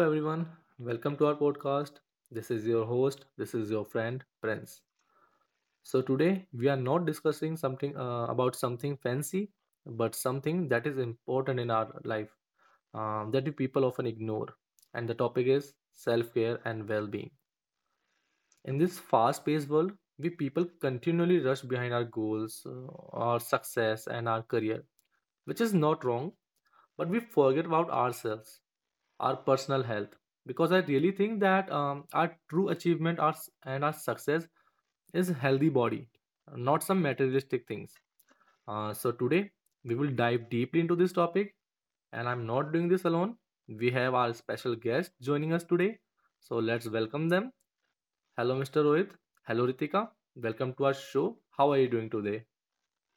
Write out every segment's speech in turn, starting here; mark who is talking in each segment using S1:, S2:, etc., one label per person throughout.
S1: everyone. Welcome to our podcast. This is your host. This is your friend, Prince. So today we are not discussing something about something fancy, but something that is important in our life, that we people often ignore. And the topic is self care and well being. In this fast paced world, we people continually rush behind our goals, our success, and our career, which is not wrong, but we forget about ourselves, our personal health, because I really think that, our true achievement, and our success is healthy body, not some materialistic things. So today we will dive deeply into this topic, and I'm not doing this alone. We have our special guest joining us today, so let's welcome them. Hello, Mr. Rohit. Hello, Ritika. Welcome to our show. How are you doing today?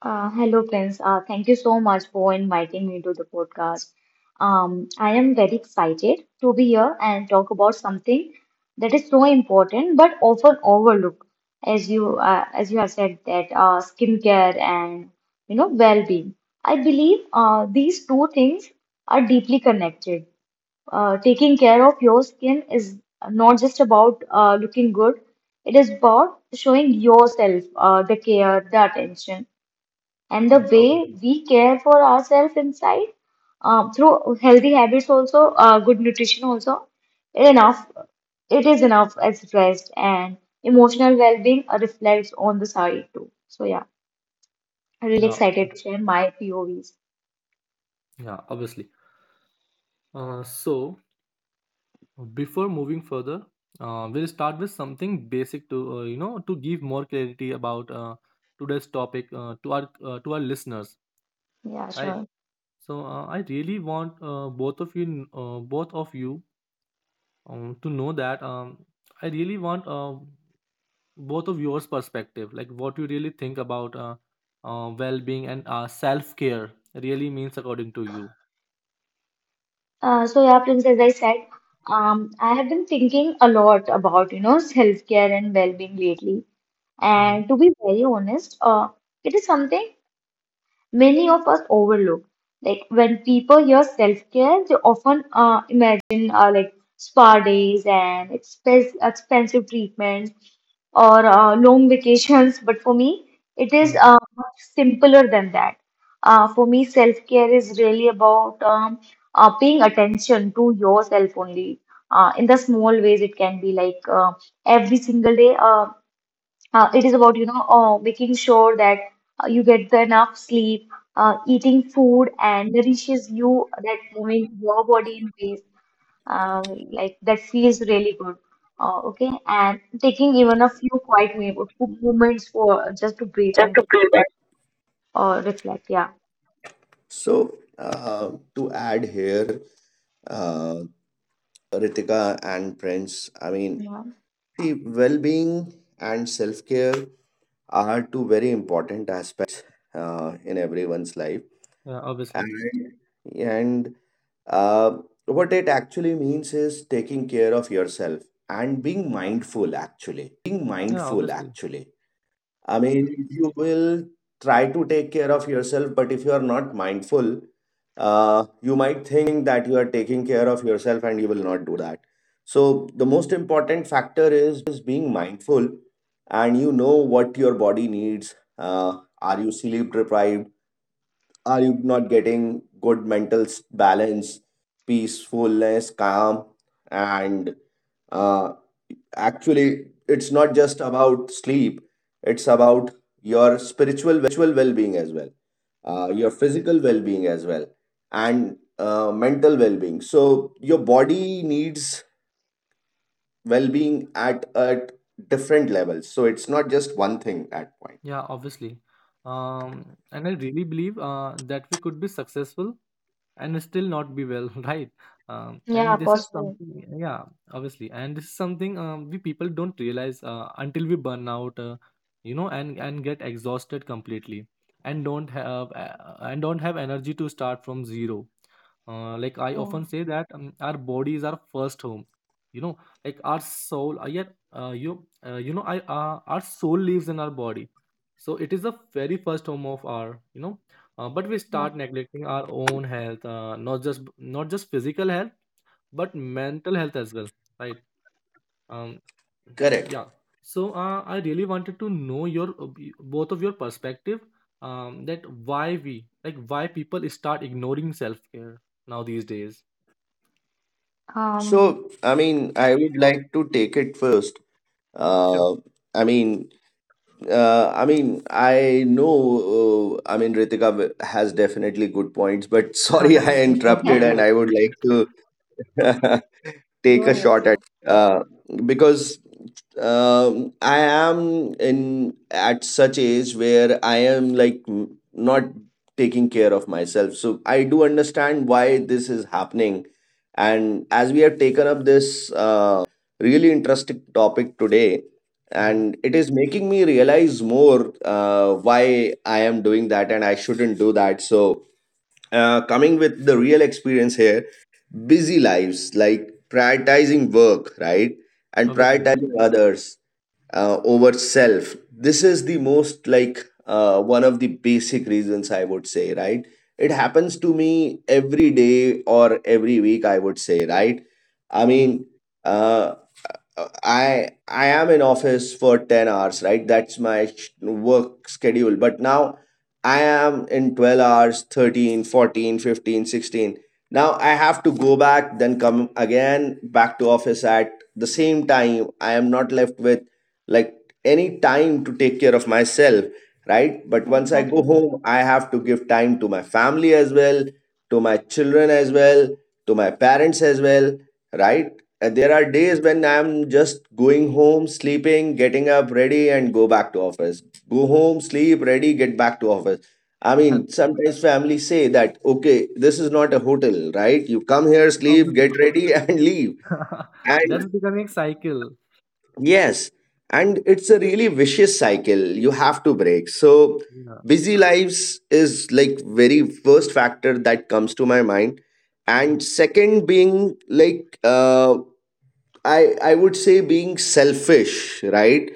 S2: Hello, Prince. Thank you so much for inviting me to the podcast. I am very excited to be here and talk about something that is so important but often overlooked, as you have said, that skincare and you know well-being. I believe these two things are deeply connected. Taking care of your skin is not just about looking good; it is about showing yourself the care, the attention, and the
S1: Mm,
S2: way
S1: obviously.
S2: we care for ourselves inside through healthy habits, also good nutrition, also enough, it is enough as rest and emotional well-being reflects on the side too. So yeah, I'm really
S1: yeah ob-
S2: excited to share my POVs.
S1: yeah, obviously. So before moving further, we'll start with something basic to to give more clarity about today's topic to our listeners,
S2: Yeah,
S1: right?
S2: sure.
S1: So I really want both of you to know that, I really want both of yours perspective, like what you really think about well-being and self-care really means according to you.
S2: So yeah, Prince, as I said, I have been thinking a lot about, you know, self-care and well-being lately,
S1: Mm-hmm.
S2: and to be very honest, it is something many of us overlook. Like, when people hear self care, they often imagine like spa days and expensive treatments or long vacations. But for me, it is
S1: Mm-hmm.
S2: much simpler than that. For me, self care is really about paying attention to yourself only. In the small ways, it can be like every single day. It is about, you know, making sure that you get the enough sleep, eating food and nourishes you, that moving your body in ways like that feels really good. Okay, and taking even a few quiet moments for just to breathe
S3: Just
S2: and
S3: to prove
S2: reflect. Yeah,
S3: So, to add here, uh, Ritika and Prince, I mean,
S2: yeah,
S3: the well being and self care are two very important aspects in everyone's life.
S1: Yeah, obviously.
S3: And, and uh, what it actually means is taking care of yourself and being mindful,
S1: Yeah, obviously.
S3: actually. I mean, you will try to take care of yourself, but if you are not mindful, you might think that you are taking care of yourself and you will not do that. So, the most important factor is being mindful and you know what your body needs. Are you sleep deprived? Are you not getting good mental balance, peacefulness, calm, and uh, actually it's not just about sleep, it's about your spiritual well-being as well, your physical well-being as well, and mental well-being. So your body needs well-being at different levels, so it's not just one thing at point.
S1: Yeah, obviously. And I really believe that we could be successful and still not be well, right?
S2: yeah,
S1: And this is
S2: possible.
S1: something. Yeah, obviously. And this is something, we people don't realize until we burn out, and get exhausted completely, and don't have energy to start from zero. Like, I
S2: Yeah,
S1: often say that, our bodies are first home, you know like our soul yet you you know I our soul lives in our body, so it is the very first home of our, but we
S2: yeah.
S1: start neglecting our own health, not just physical health, but mental health as well, right? um
S3: Correct.
S1: yeah. So I really wanted to know your both of your perspective, that, why we like why people start ignoring self-care now these days.
S2: Um,
S3: So, I mean, I would like to take it first.
S1: Sure.
S3: Uh, i mean Uh, I mean, I know. I mean, Ritika has definitely good points, but sorry,
S1: No,
S3: I
S1: it's
S3: interrupted,
S1: completely
S2: yeah,
S3: and I
S1: okay.
S3: would like to. Take
S2: go
S3: a
S2: ahead,
S3: shot
S2: sir.
S3: at it first, uh, because I am in at such age where I am like not taking care of myself. So I do understand why this is happening, and as we have taken up this really interesting topic today,
S1: Hmm.
S3: and it is making me realize more why I am doing that and I shouldn't do that. So, coming with the real experience here, busy lives, like prioritizing work, right, and
S1: Obviously.
S3: prioritizing others over self, this is the most, like one of the basic reasons, I would say, right. It happens to me every day or every week, I would say, right. I
S1: Hmm.
S3: mean, uh, I am in office for 10 hours, right? That's my work schedule. But now I am in 12 hours, 13, 14, 15, 16. Now I have to go back, then come again back to office at the same time. I am not left with like any time to take care of myself, right? But once I go
S2: Exactly.
S3: home, I have to give time to my family as well, to my children as well, to my parents as well, right. And there are days when I'm just going home, sleeping, getting up, ready, and go back to office. Go home, sleep, ready, get back to office. I mean, sometimes family say that, okay, this is not a hotel, right? You come here, sleep,
S1: Obviously.
S3: get ready, and leave. And
S1: That's becoming cycle.
S3: yes, and it's a really vicious cycle you have to break. So,
S1: Yeah.
S3: busy lives is like very first factor that comes to my mind, and
S1: Hmm.
S3: second being like, I would say, being selfish, right?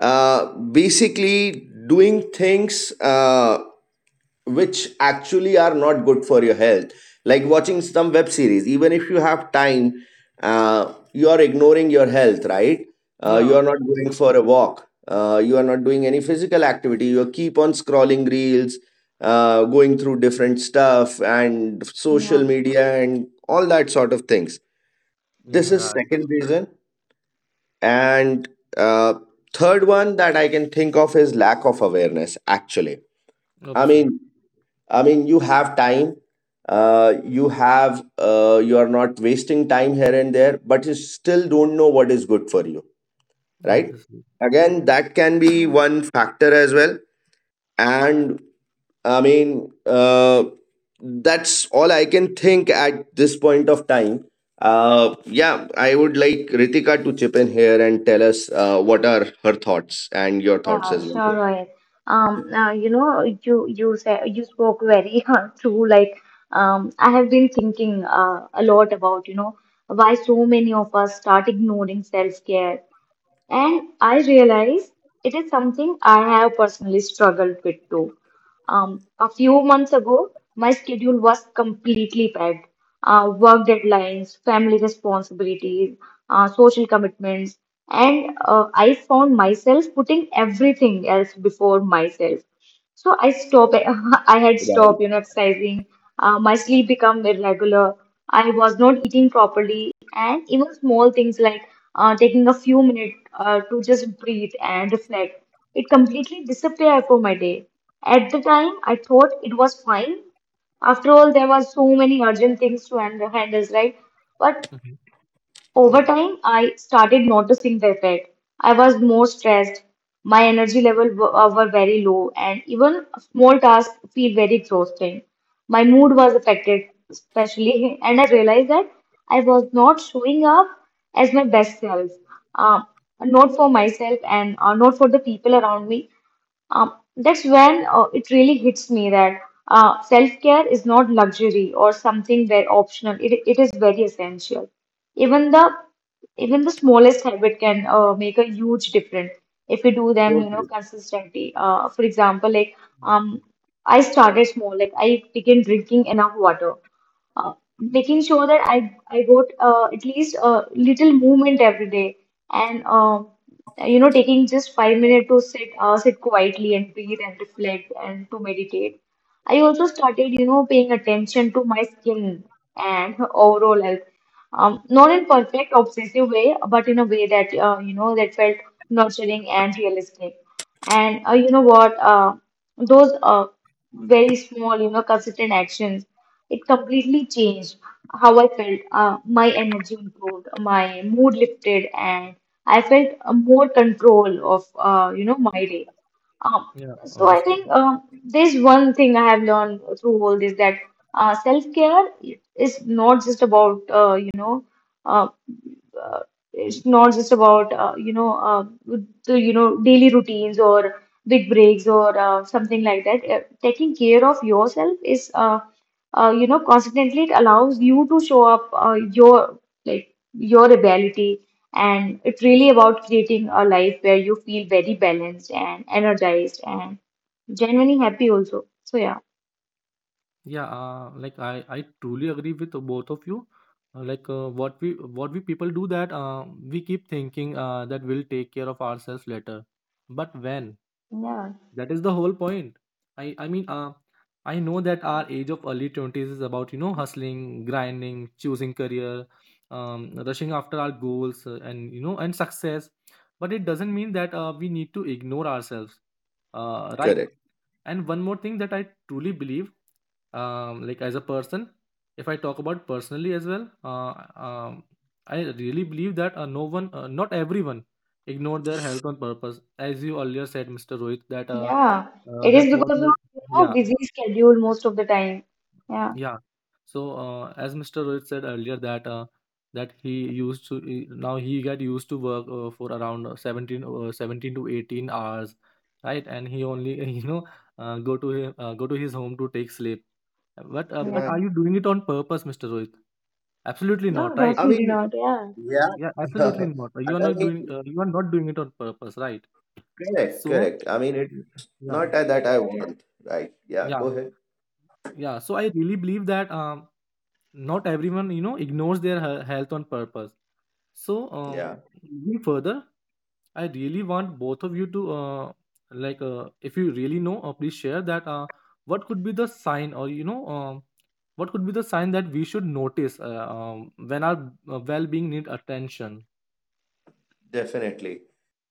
S3: Basically doing things, which actually are not good for your health, like watching some web series. Even if you have time, you are ignoring your health, right.
S1: Yeah,
S3: You are not
S1: obviously.
S3: going for a walk, you are not doing any physical activity, you keep on scrolling reels, going through different stuff and social
S2: Yeah,
S3: media and all that sort of things.
S1: Yeah,
S3: This is
S1: right.
S3: second reason. And uh, third one that I can think of is lack of awareness, actually. i
S1: Obviously.
S3: mean I mean, you have time. You are not wasting time here and there, but you still don't know what is good for you, right?
S1: Obviously.
S3: Again, that can be
S2: yeah.
S3: one factor as well. And I mean, that's all I can think at this point of time. Yeah, I would like Ritika to chip in here and tell us, what are her thoughts and your thoughts
S2: Yeah,
S3: as well.
S2: sure, Rohit. You know, you said, you spoke very true. Like, I have been thinking a lot about, you know, why so many of us start ignoring self-care, and I realize it is something I have personally struggled with too. A few months ago, my schedule was completely packed. Work deadlines, family responsibilities, social commitments, and I found myself putting everything else before myself. So I stopped. I had
S3: Right.
S2: stopped, you know, exercising. My sleep became irregular. I was not eating properly, and even small things like taking a few minutes to just breathe and reflect. It completely disappeared from my day. At the time, I thought it was fine. After all, there were so many urgent things to handle, right? But
S1: Mhm,
S2: over time, I started noticing the effect. I was more stressed, my energy level were very low, and even small tasks feel very exhausting. My mood was affected, especially, and I realized that I was not showing up as my best self, um, not for myself and not for the people around me. That's when it really hits me that self-care is not luxury or something very optional. It is very essential. Even the even the smallest habit can make a huge difference if we do them, you know, consistently. For example, like
S1: mhm.
S2: um, I started small, like I began drinking enough water, uh, making sure that I got at least a little movement every day, and you know, taking just 5 minutes to sit sit quietly and breathe and reflect and to meditate. I also started, you know, paying attention to my skin and her overall health. Not in perfect obsessive way, but in a way that you know, that felt nurturing and realistic. And you know what? Those very small, you know, consistent actions, it completely changed how I felt. My energy improved, my mood lifted, and I felt more control of you know, my day. Um,
S1: Yeah,
S2: so I
S1: obviously.
S2: think there's one thing I have learned through all this, that self-care is not just about you know uh, uh, it's not just about you know the you know daily routines or big breaks or something like that. Taking care of yourself is you know, constantly it allows you to show up your like your ability, and it's really about creating a life where you feel very balanced and energized and genuinely happy also. So yeah,
S1: Yeah, like I truly agree with both of you. Like, what we people do, that we keep thinking that we'll take care of ourselves later. But when?
S2: yeah,
S1: That is the whole point. I mean, I know that our age of early 20s is about, hustling, grinding, choosing career, rushing after our goals, and you know and success. But it doesn't mean that we need to ignore ourselves. Right?
S3: Correct.
S1: And one more thing that I truly believe, like, as a person, if I talk about personally as well, um, I really believe that, no one not everyone ignore their health on purpose. As you earlier said, Mr. Rohit, that
S2: yeah. It is
S1: that what
S2: because of,
S1: you...
S2: you know,
S1: Yeah,
S2: busy schedule most of the time. Yeah,
S1: yeah. So as Mr. Rohit said earlier, that that he used to, now he got used to work for around 17 to 18 hours, right? And he only you know go to his home to take sleep. But
S2: yeah.
S3: Right.
S1: are you doing it on purpose, Mr. Rohit? Absolutely
S2: No,
S1: not, right?
S3: I
S2: definitely
S3: mean,
S2: not. Yeah,
S3: yeah.
S1: Yeah, absolutely not.
S3: I
S1: You are
S3: I
S1: not doing
S3: mean,
S1: it on purpose, right?
S3: correct,
S1: So
S3: correct. I mean, it's
S1: y- yeah,
S3: not that I want, right? Yeah,
S1: yeah,
S3: go ahead.
S1: yeah. So I really believe that, not everyone, ignores their health on purpose. So,
S3: Yeah,
S1: moving further, I really want both of you to, if you really know, please share that, what could be the sign, or what could be the sign that we should notice, when our well-being need attention.
S3: definitely.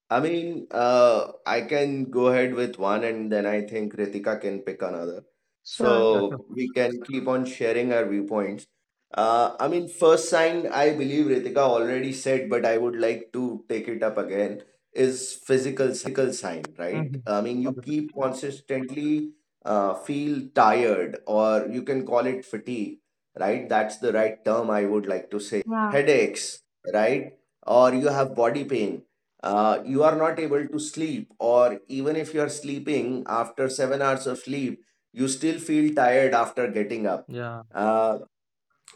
S3: I mean, I can go ahead with one, and then I think Ritika can pick another.
S2: sure.
S1: Yeah, sure.
S3: So we can keep on sharing our viewpoints. I mean, first sign I believe Ritika already said, but I would like to take it up again, is physical sign, right?
S1: Hmm.
S3: I mean, you
S1: Obviously.
S3: keep consistently feel tired, or you can call it fatigue, right. That's the right term I would like to say.
S2: Yeah,
S3: Headaches, right? Or you have body pain, you are not able to sleep, or even if you are sleeping after 7 hours of sleep, you still feel tired after getting up.
S1: Yeah,
S3: Uh,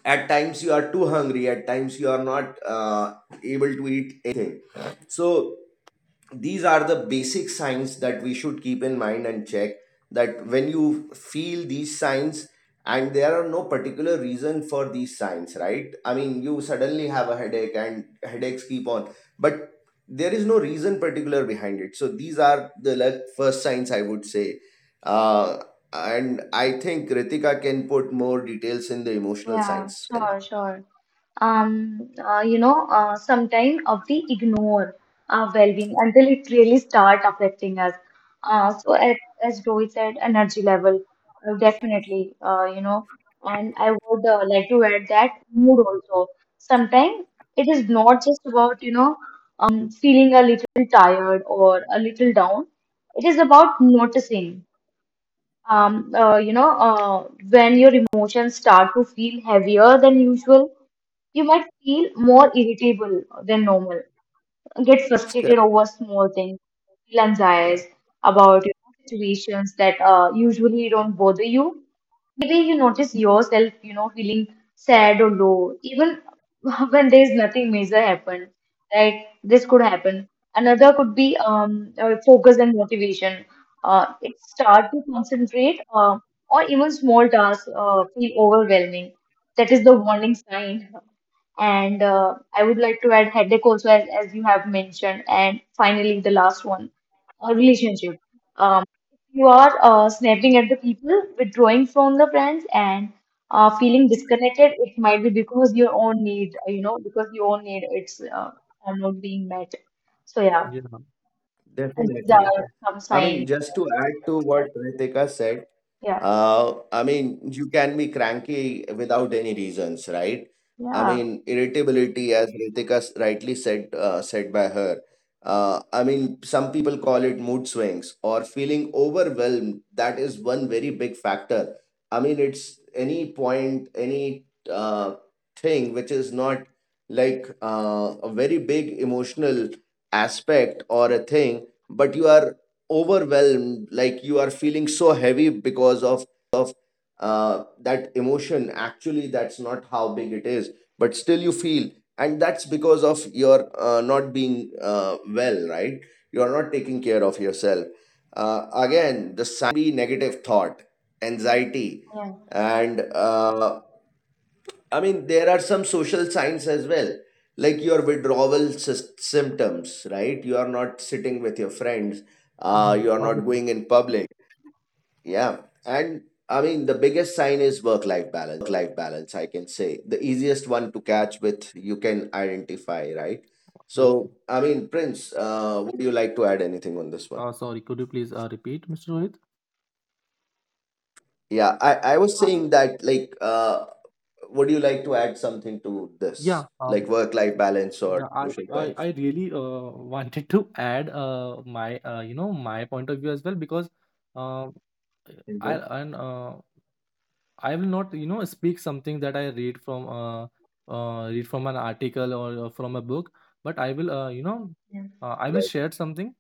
S3: at times, you are too hungry, at times, you are not able to eat anything. So, these are the basic signs that we should keep in mind and check that when you feel these signs and there are no particular reason for these signs, right. I mean, you suddenly have a headache and headaches keep on, but there is no reason particular behind it. So these are the, like, first signs, I would say. uh, and I think Kritika can put more details in the emotional
S2: yeah.
S3: signs in it.
S2: Sure, sure. You know, sometime of the ignore our well-being until it really start affecting us. Uh, so at, as Rohit said, energy level, definitely, you know, and I would like to add that mood also. Sometimes it is not just about, you know, feeling a little tired or a little down. It is about noticing, you know, when your emotions start to feel heavier than usual. You might feel more irritable than normal, get frustrated
S3: Correct.
S2: over small things, feel
S3: Yeah,
S2: anxious about, you know, situations that usually don't bother you. Maybe you notice yourself, you know, feeling sad or low, even when there's nothing major happened, right? This could happen. Another could be focus and motivation. It start to concentrate or even small tasks feel overwhelming. That is the warning sign. And I would like to add headache also, as you have mentioned. And finally, the last one, a relationship. Um, you are snapping at the people, withdrawing from the friends, and feeling disconnected. It might be because your own need, you know, because your own need, it's are not being met. So yeah,
S1: yeah,
S2: and these
S3: definitely.
S2: are
S1: obviously.
S2: some
S3: I
S2: signs.
S3: mean, just to add to
S2: That,
S3: what Kritika said,
S2: yeah,
S3: I mean, you can be cranky without any reasons, right? I
S2: yeah,
S3: mean, irritability, as Ritika rightly said, said by her. I mean, some people call it mood swings or feeling overwhelmed. That is one very big factor. I mean, it's any point, any uh, thing which is not like a very big emotional aspect or a thing, but you are overwhelmed, like you are feeling so heavy because of that emotion, actually. That's not how big it is, but still you feel, and that's because of your not being well, right. You are not taking care of yourself. Again, the signs can be negative thought, anxiety,
S2: yeah,
S3: and I mean, there are some social signs as well, like your withdrawal symptoms, right? You are not sitting with your friends,
S1: Mhm.
S3: you are not
S1: Obviously.
S3: going in public. Yeah. And I mean, the biggest sign is work life balance, I can say. The easiest one to catch with, you can identify, right? So,
S1: Obviously.
S3: I mean, Prince, would you like to add anything on this one?
S1: Sorry, could you please repeat, Mr. Rohit?
S3: Yeah, I was
S2: uh,
S3: saying that, like, would you like to add something to this,
S1: Yeah.
S3: like work life balance or
S1: Yeah, I,
S3: social
S1: I,
S3: signs?
S1: I really wanted to add my my point of view as well, because uh, I
S3: Hmm,
S1: and uh, I will not speak something that I read from an article or from a book, but I will
S2: yeah,
S1: share something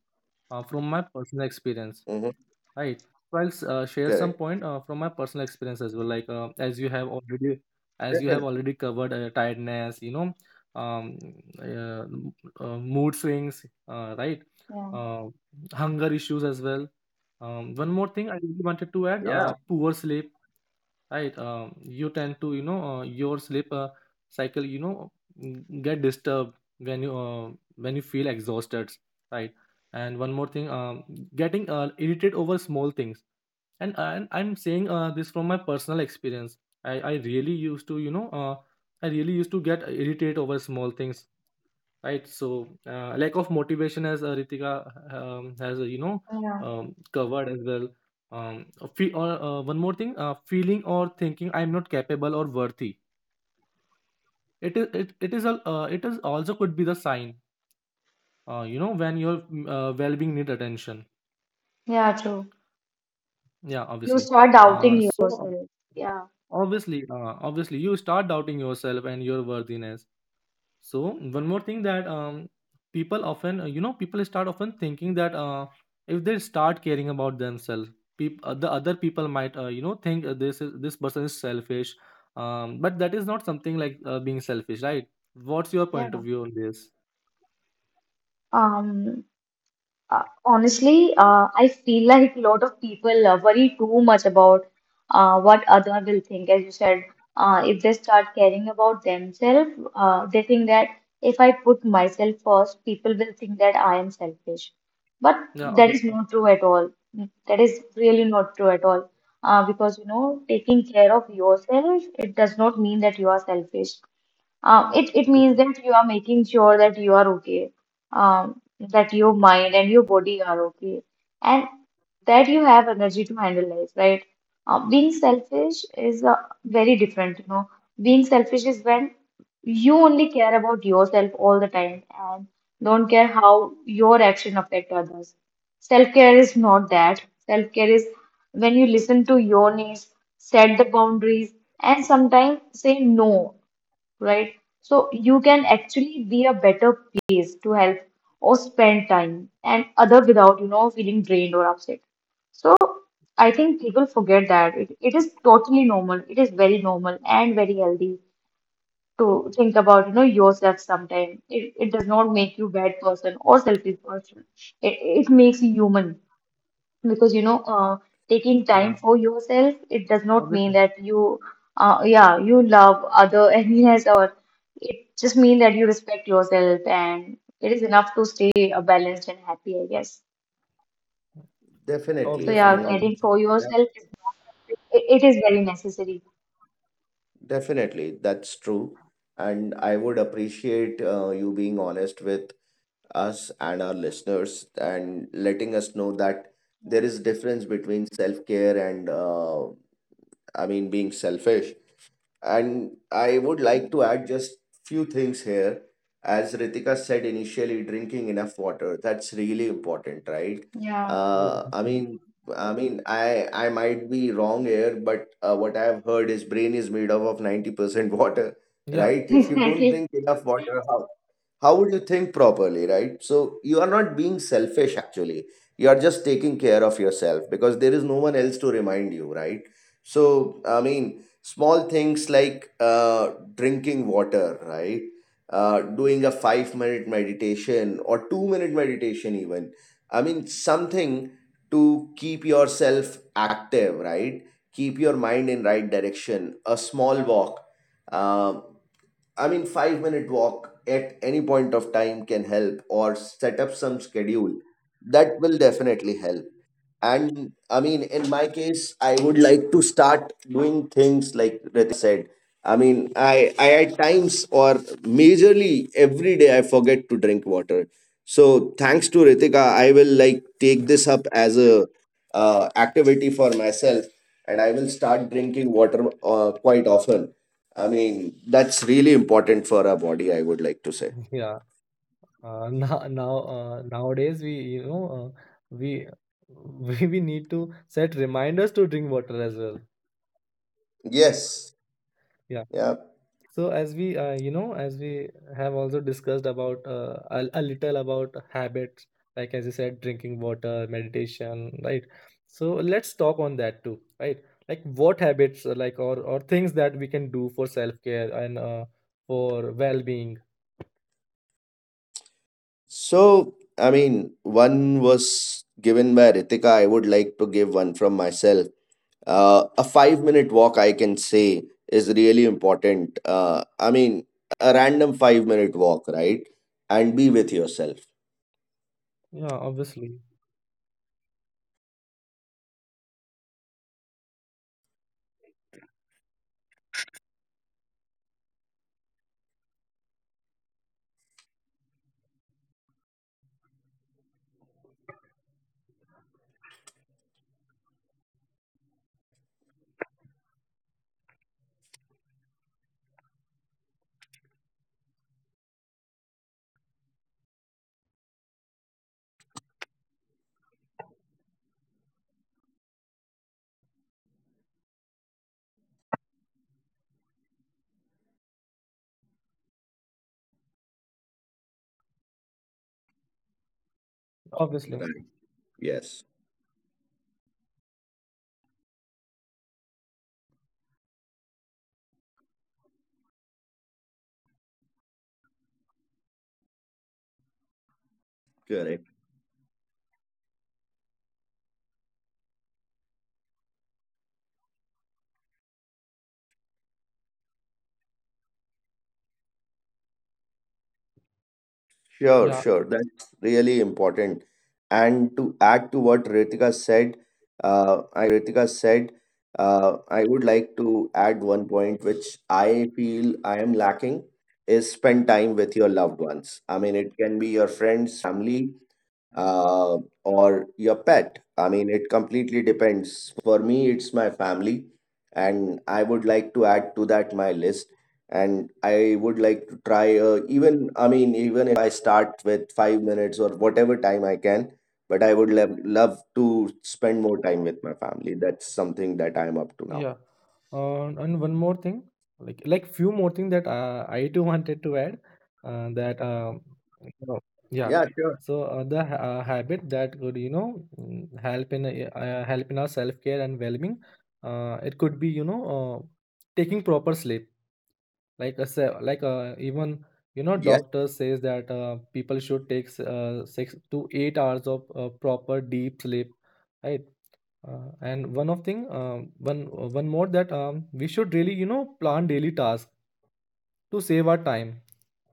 S1: from my personal experience.
S3: hmm.
S1: Right. So I'll share some
S3: Correct.
S1: point from my personal experience as well. Like, as you have already,
S3: Definitely.
S1: covered tiredness, um, uh, m- mood swings, right?
S2: yeah,
S1: Uh, Hunger issues as well. One more thing I really wanted to add:
S3: Yeah,
S1: poor sleep, right? You tend to, your sleep cycle get disturbed when you feel exhausted, right? And one more thing, getting irritated over small things. And I'm saying this from my personal experience. I really used to get irritated over small things, right? So lack of motivation, as Ritika has
S2: yeah,
S1: covered as well. A fe- or One more thing, feeling or thinking I am not capable or worthy, it is, it is also could be the sign, when your well-being need attention.
S2: yeah, true.
S1: Yeah,
S2: You
S1: obviously.
S2: start
S1: uh,
S2: doubting
S1: so
S2: yourself. Yeah,
S1: Obviously. Obviously, you start doubting yourself and your worthiness. So one more thing, that people start often thinking that, if they start caring about themselves, the other people might think this person is selfish, but that is not something like being selfish, right? What's your point
S2: yeah.
S1: of view on this?
S2: Um, Honestly, I feel like a lot of people worry too much about what other will think. As you said, if they start caring about themselves, they think that if I put myself first, people will think that I am selfish. But
S1: Yeah,
S2: that is
S1: obviously,
S2: not true at all. That is really not true at all. Because, you know, taking care of yourself, it does not mean that you are selfish. It means
S1: obviously.
S2: that you are making sure that you are okay, that your mind and your body are okay, and that you have energy to handle life, right? Being selfish is very different, you know. Being selfish is when you only care about yourself all the time and don't care how your action affect others. Self-care is not that. Self-care is when you listen to your needs, set the boundaries, and sometimes say no, right? So you can actually be a better place to help or spend time and other without, you know, feeling drained or upset. So I think people forget that it is totally normal. It is very normal and very healthy to think about, you know, yourself sometime. It does not make you bad person or selfish person. It makes you human because, you know, taking
S1: Yeah,
S2: time for yourself, it does not mean
S1: obviously,
S2: that you yeah, you love other animals, or it just mean that you respect yourself and it is enough to stay balanced and happy, I guess. So
S3: definitely. I
S2: yeah,
S1: obviously,
S3: mean,
S2: caring
S1: obviously,
S2: for
S3: that,
S2: yourself, is it is very necessary.
S3: definitely. That's true. And I would appreciate you being honest with us and our listeners, and letting us know that there
S2: Yeah,
S3: is difference between self-care and I mean, being selfish. And I would like to add just few things here. As Ritika said initially, drinking enough water, that's really important, right?
S2: yeah,
S1: yeah,
S3: Uh, I
S1: obviously.
S3: mean, I mean, I might be wrong here, but what I've heard is brain is made up of 90% water,
S1: Yeah.
S3: right? If you don't
S2: exactly.
S3: drink enough water, how would you think properly, right? So you are not being selfish, actually. You are just taking care of yourself, because there is no one else to remind you, right. So, I mean, small things, like drinking water, right, doing a 5 minute meditation or 2 minute meditation even. I mean, something to keep yourself active, right, keep your mind in right direction, a small walk, um, I mean, 5 minute walk at any point of time can help, or set up some schedule. That will definitely help. And I mean, in my case, I would like to start doing things like Ritika said. I mean, I at times or majorly every day I forget to drink water. So thanks to Ritika, I will like take this up as a activity for myself, and I will start drinking water quite often. I mean, that's really important for our body, I would like to say.
S1: Yeah. Nowadays we, uh, we we need to set reminders to drink water as well.
S3: Yes.
S1: Yeah.
S3: Yeah.
S1: So as we, have also discussed about a little about habits, like as you said, drinking water, meditation, right? So let's talk on that too, right? Like what habits, or things that we can do for self-care and for well-being.
S3: So, I mean, one was given by Ritika. I would like to give one from myself. A 5 minute walk, I can say, is really important. I mean, a random 5 minute walk, right? And be with yourself.
S1: Yeah, obviously, obviously.
S3: Right. Yes. Correct. Sure,
S1: Yeah.
S3: sure. That's really important. And to add to what Ritika said, I would like to add one point which I feel I am lacking is spend time with your loved ones. I mean, it can be your friends, family, uh, or your pet. I mean, it completely depends. For me, it's my family, and I would like to add to that my list. And I would like to try, I mean, even if I start with 5 minutes or whatever time I can, but I would love, love to spend more time with my family. That's something that I'm up to now.
S1: Yeah. And one more thing, like, few more thing that I too wanted to add, that, you know, yeah.
S3: Yeah, sure.
S1: So the habit that could, help in our self-care and well-being. It could be taking proper sleep. Like, a se- like even
S3: Yeah.
S1: doctor says that people should take 6 to 8 hours of proper deep sleep, right? And one more, that we should really plan daily tasks to save our time,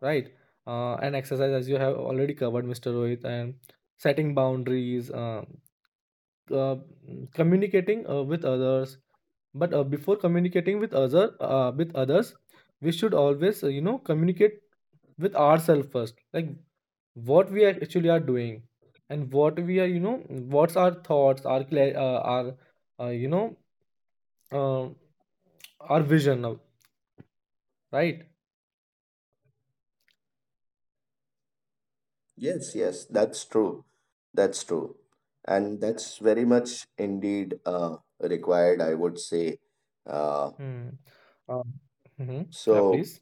S1: right? And exercise, as you have already covered, Mr. Rohit, and setting boundaries, uh, communicating with others. But before communicating with other with others, we should always communicate with ourselves first. Like what we actually are doing, and what we are, what's our thoughts, our cla- our you know uh, our vision of. Right?
S3: Yes, yes, that's true. That's true. And that's very much indeed required, I would say. Uh,
S1: Hmm. uh, mhm. Yeah,
S3: so,
S1: please.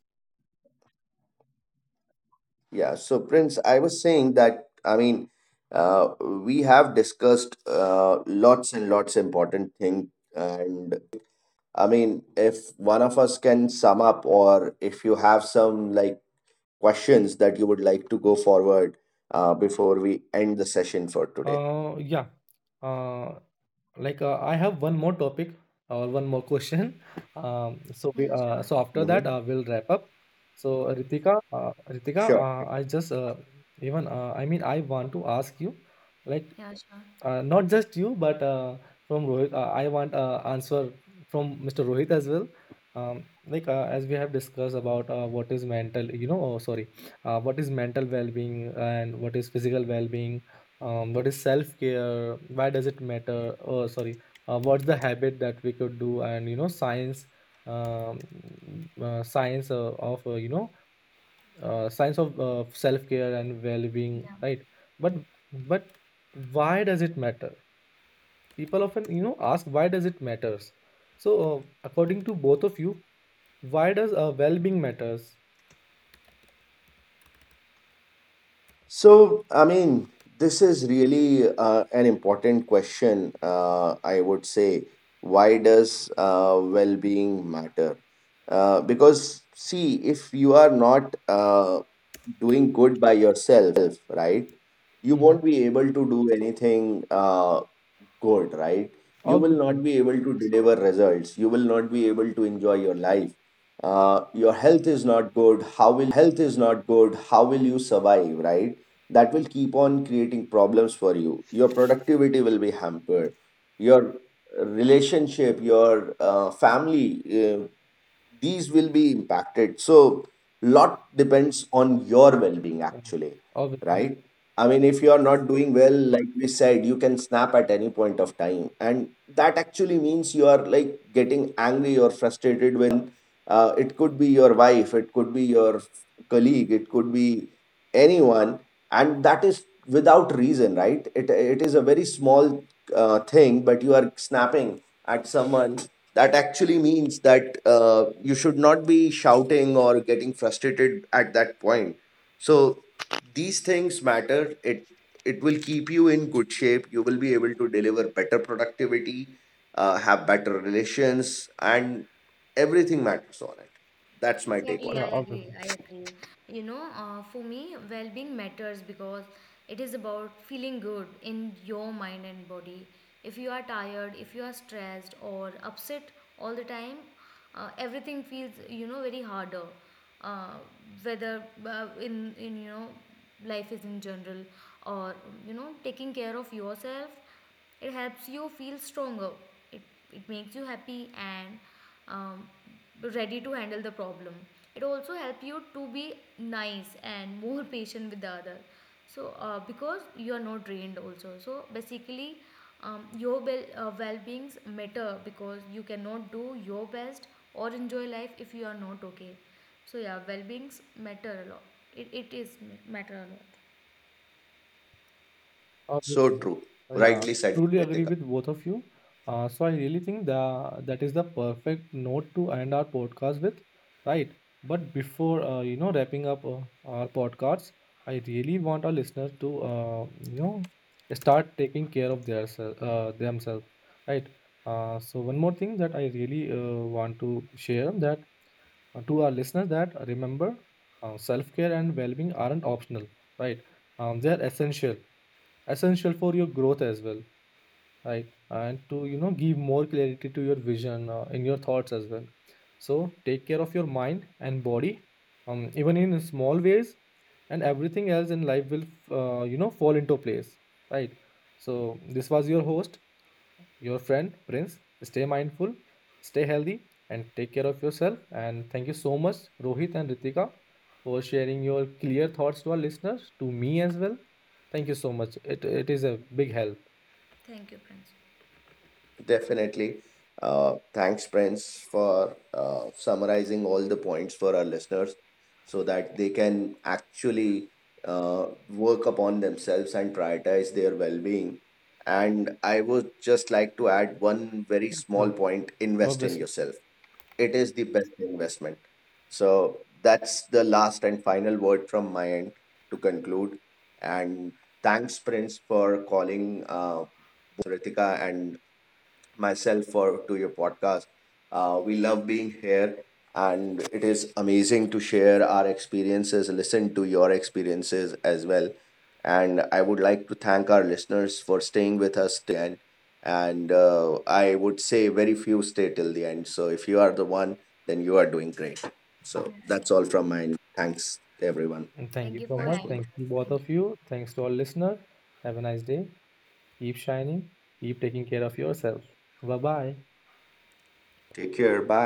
S3: yeah, so Prince, I was saying that, I mean, we have discussed lots and lots important thing, and I would like, I mean, if one of us can sum up, or if you have some like questions that you would like to go forward before we end the session for today.
S1: Yeah. uh, I have one more topic, or one more question. So
S2: Yeah,
S1: we, uh,
S2: sure.
S1: so after that
S3: Mhm.
S1: we'll wrap up. So Ritika,
S3: Sure.
S1: I just even I mean, I want to ask you, like,
S2: Yeah, sure.
S1: Not just you, but from Rohit, I want answer from Mr. Rohit as well. Like, as we have discussed about what is mental, oh, sorry, what is mental well-being and what is physical well-being, what is self-care, why does it matter? Oh, sorry, what's the habit that we could do, and, um, uh, science uh, of uh, you know, science of self-care and well-being,
S2: Yeah,
S1: right? But but why does it matter? People often ask, why does it matters? So according to both of you, why does well-being matters?
S3: So, I mean, this is really an important question, I would say. Why does well being matter? Because, see, if you are not doing good by yourself, right, you
S1: Hmm.
S3: won't be able to do anything good, right? You will not
S1: Obviously.
S3: be able to deliver results. You will not be able to enjoy your life. Your health is not good. How will you survive, right? That will keep on creating problems for you. Your productivity will be hampered. Your relationship, your family, these will be impacted. So lot depends on your well-being,
S1: Yeah.
S3: actually,
S1: Obviously.
S3: right. I mean, if you are not doing well, like we said, you can snap at any point of time, and that actually means you are like getting angry or frustrated with anyone. It could be your wife, it could be your colleague, it could be anyone, and that is without reason, right. It is a very small thing, but you are snapping at someone. That actually means that you should not be shouting or getting frustrated at that point. So these things matter, it will keep you in good shape. You will be able to deliver better productivity, have better relations, and everything matters on it. That's my take on
S2: exactly.
S1: Yeah,
S2: I
S3: it.
S2: agree.
S1: obviously.
S2: I agree. You know, for me, well being matters because it is about feeling good in your mind and body. If you are tired, if you are stressed or upset all the time, everything feels, you know, very harder. Uh, Whether in you know, life is in general or, you know, taking care of yourself, it helps you feel stronger. It, it makes you happy and um, ready to handle the problem. It also helps you to be nice and more patient with the other. So because you are not drained also. So basically, your well-beings matter because you cannot do your best or enjoy life if you are not okay. So yeah, well-beings matter a lot. It is matter a lot.
S3: So
S1: Obviously.
S3: true,
S1: Yeah,
S3: rightly said,
S1: truly agree
S3: Ritik.
S1: with both of you. So I really think the that is the perfect note to end our podcast with, right? But before wrapping up our podcasts, I really want our listeners to you know start taking care of their themselves, right? So one more thing that I really want to share, that to our listeners, that remember, self-care and well-being aren't optional, right? They're essential, essential for your growth as well, right? And to give more clarity to your vision, in your thoughts as well. So take care of your mind and body, even in small ways, and everything else in life will fall into place, right? So this was your host, your friend Prince. Stay mindful, stay healthy, and take care of yourself. And thank you so much, Rohit and Ritika, for sharing your clear thoughts to our listeners, to me as well. Thank you so much. It is a big help.
S2: Thank you, Prince.
S3: Definitely. Thanks, Prince, for summarizing all the points for our listeners so that they can actually work upon themselves and prioritize their well being. And I would just like to add one very small
S1: No,
S3: point: invest in
S1: obviously.
S3: yourself. It is the best investment. So that's the last and final word from my end to conclude. And thanks, Prince, for calling both of us, Ritika and myself, for to your podcast. We love being here, and it is amazing to share our experiences, listen to your experiences as well. And I would like to thank our listeners for staying with us till the end. And I would say very few stay till the end. So if you are the one, then you are doing great. So that's all from mine. Thanks, everyone.
S1: And thank
S2: Thank
S1: you
S2: you
S1: so
S2: for
S3: Thanks,
S1: much.
S2: having
S3: both
S2: us.
S3: of
S1: Thank
S3: you.
S1: you, both
S2: Thank
S1: of
S2: you.
S1: you. Thanks to our listeners. Have a nice day. Keep shining. Keep taking care of yourself. Bye bye.
S3: Take care. Bye.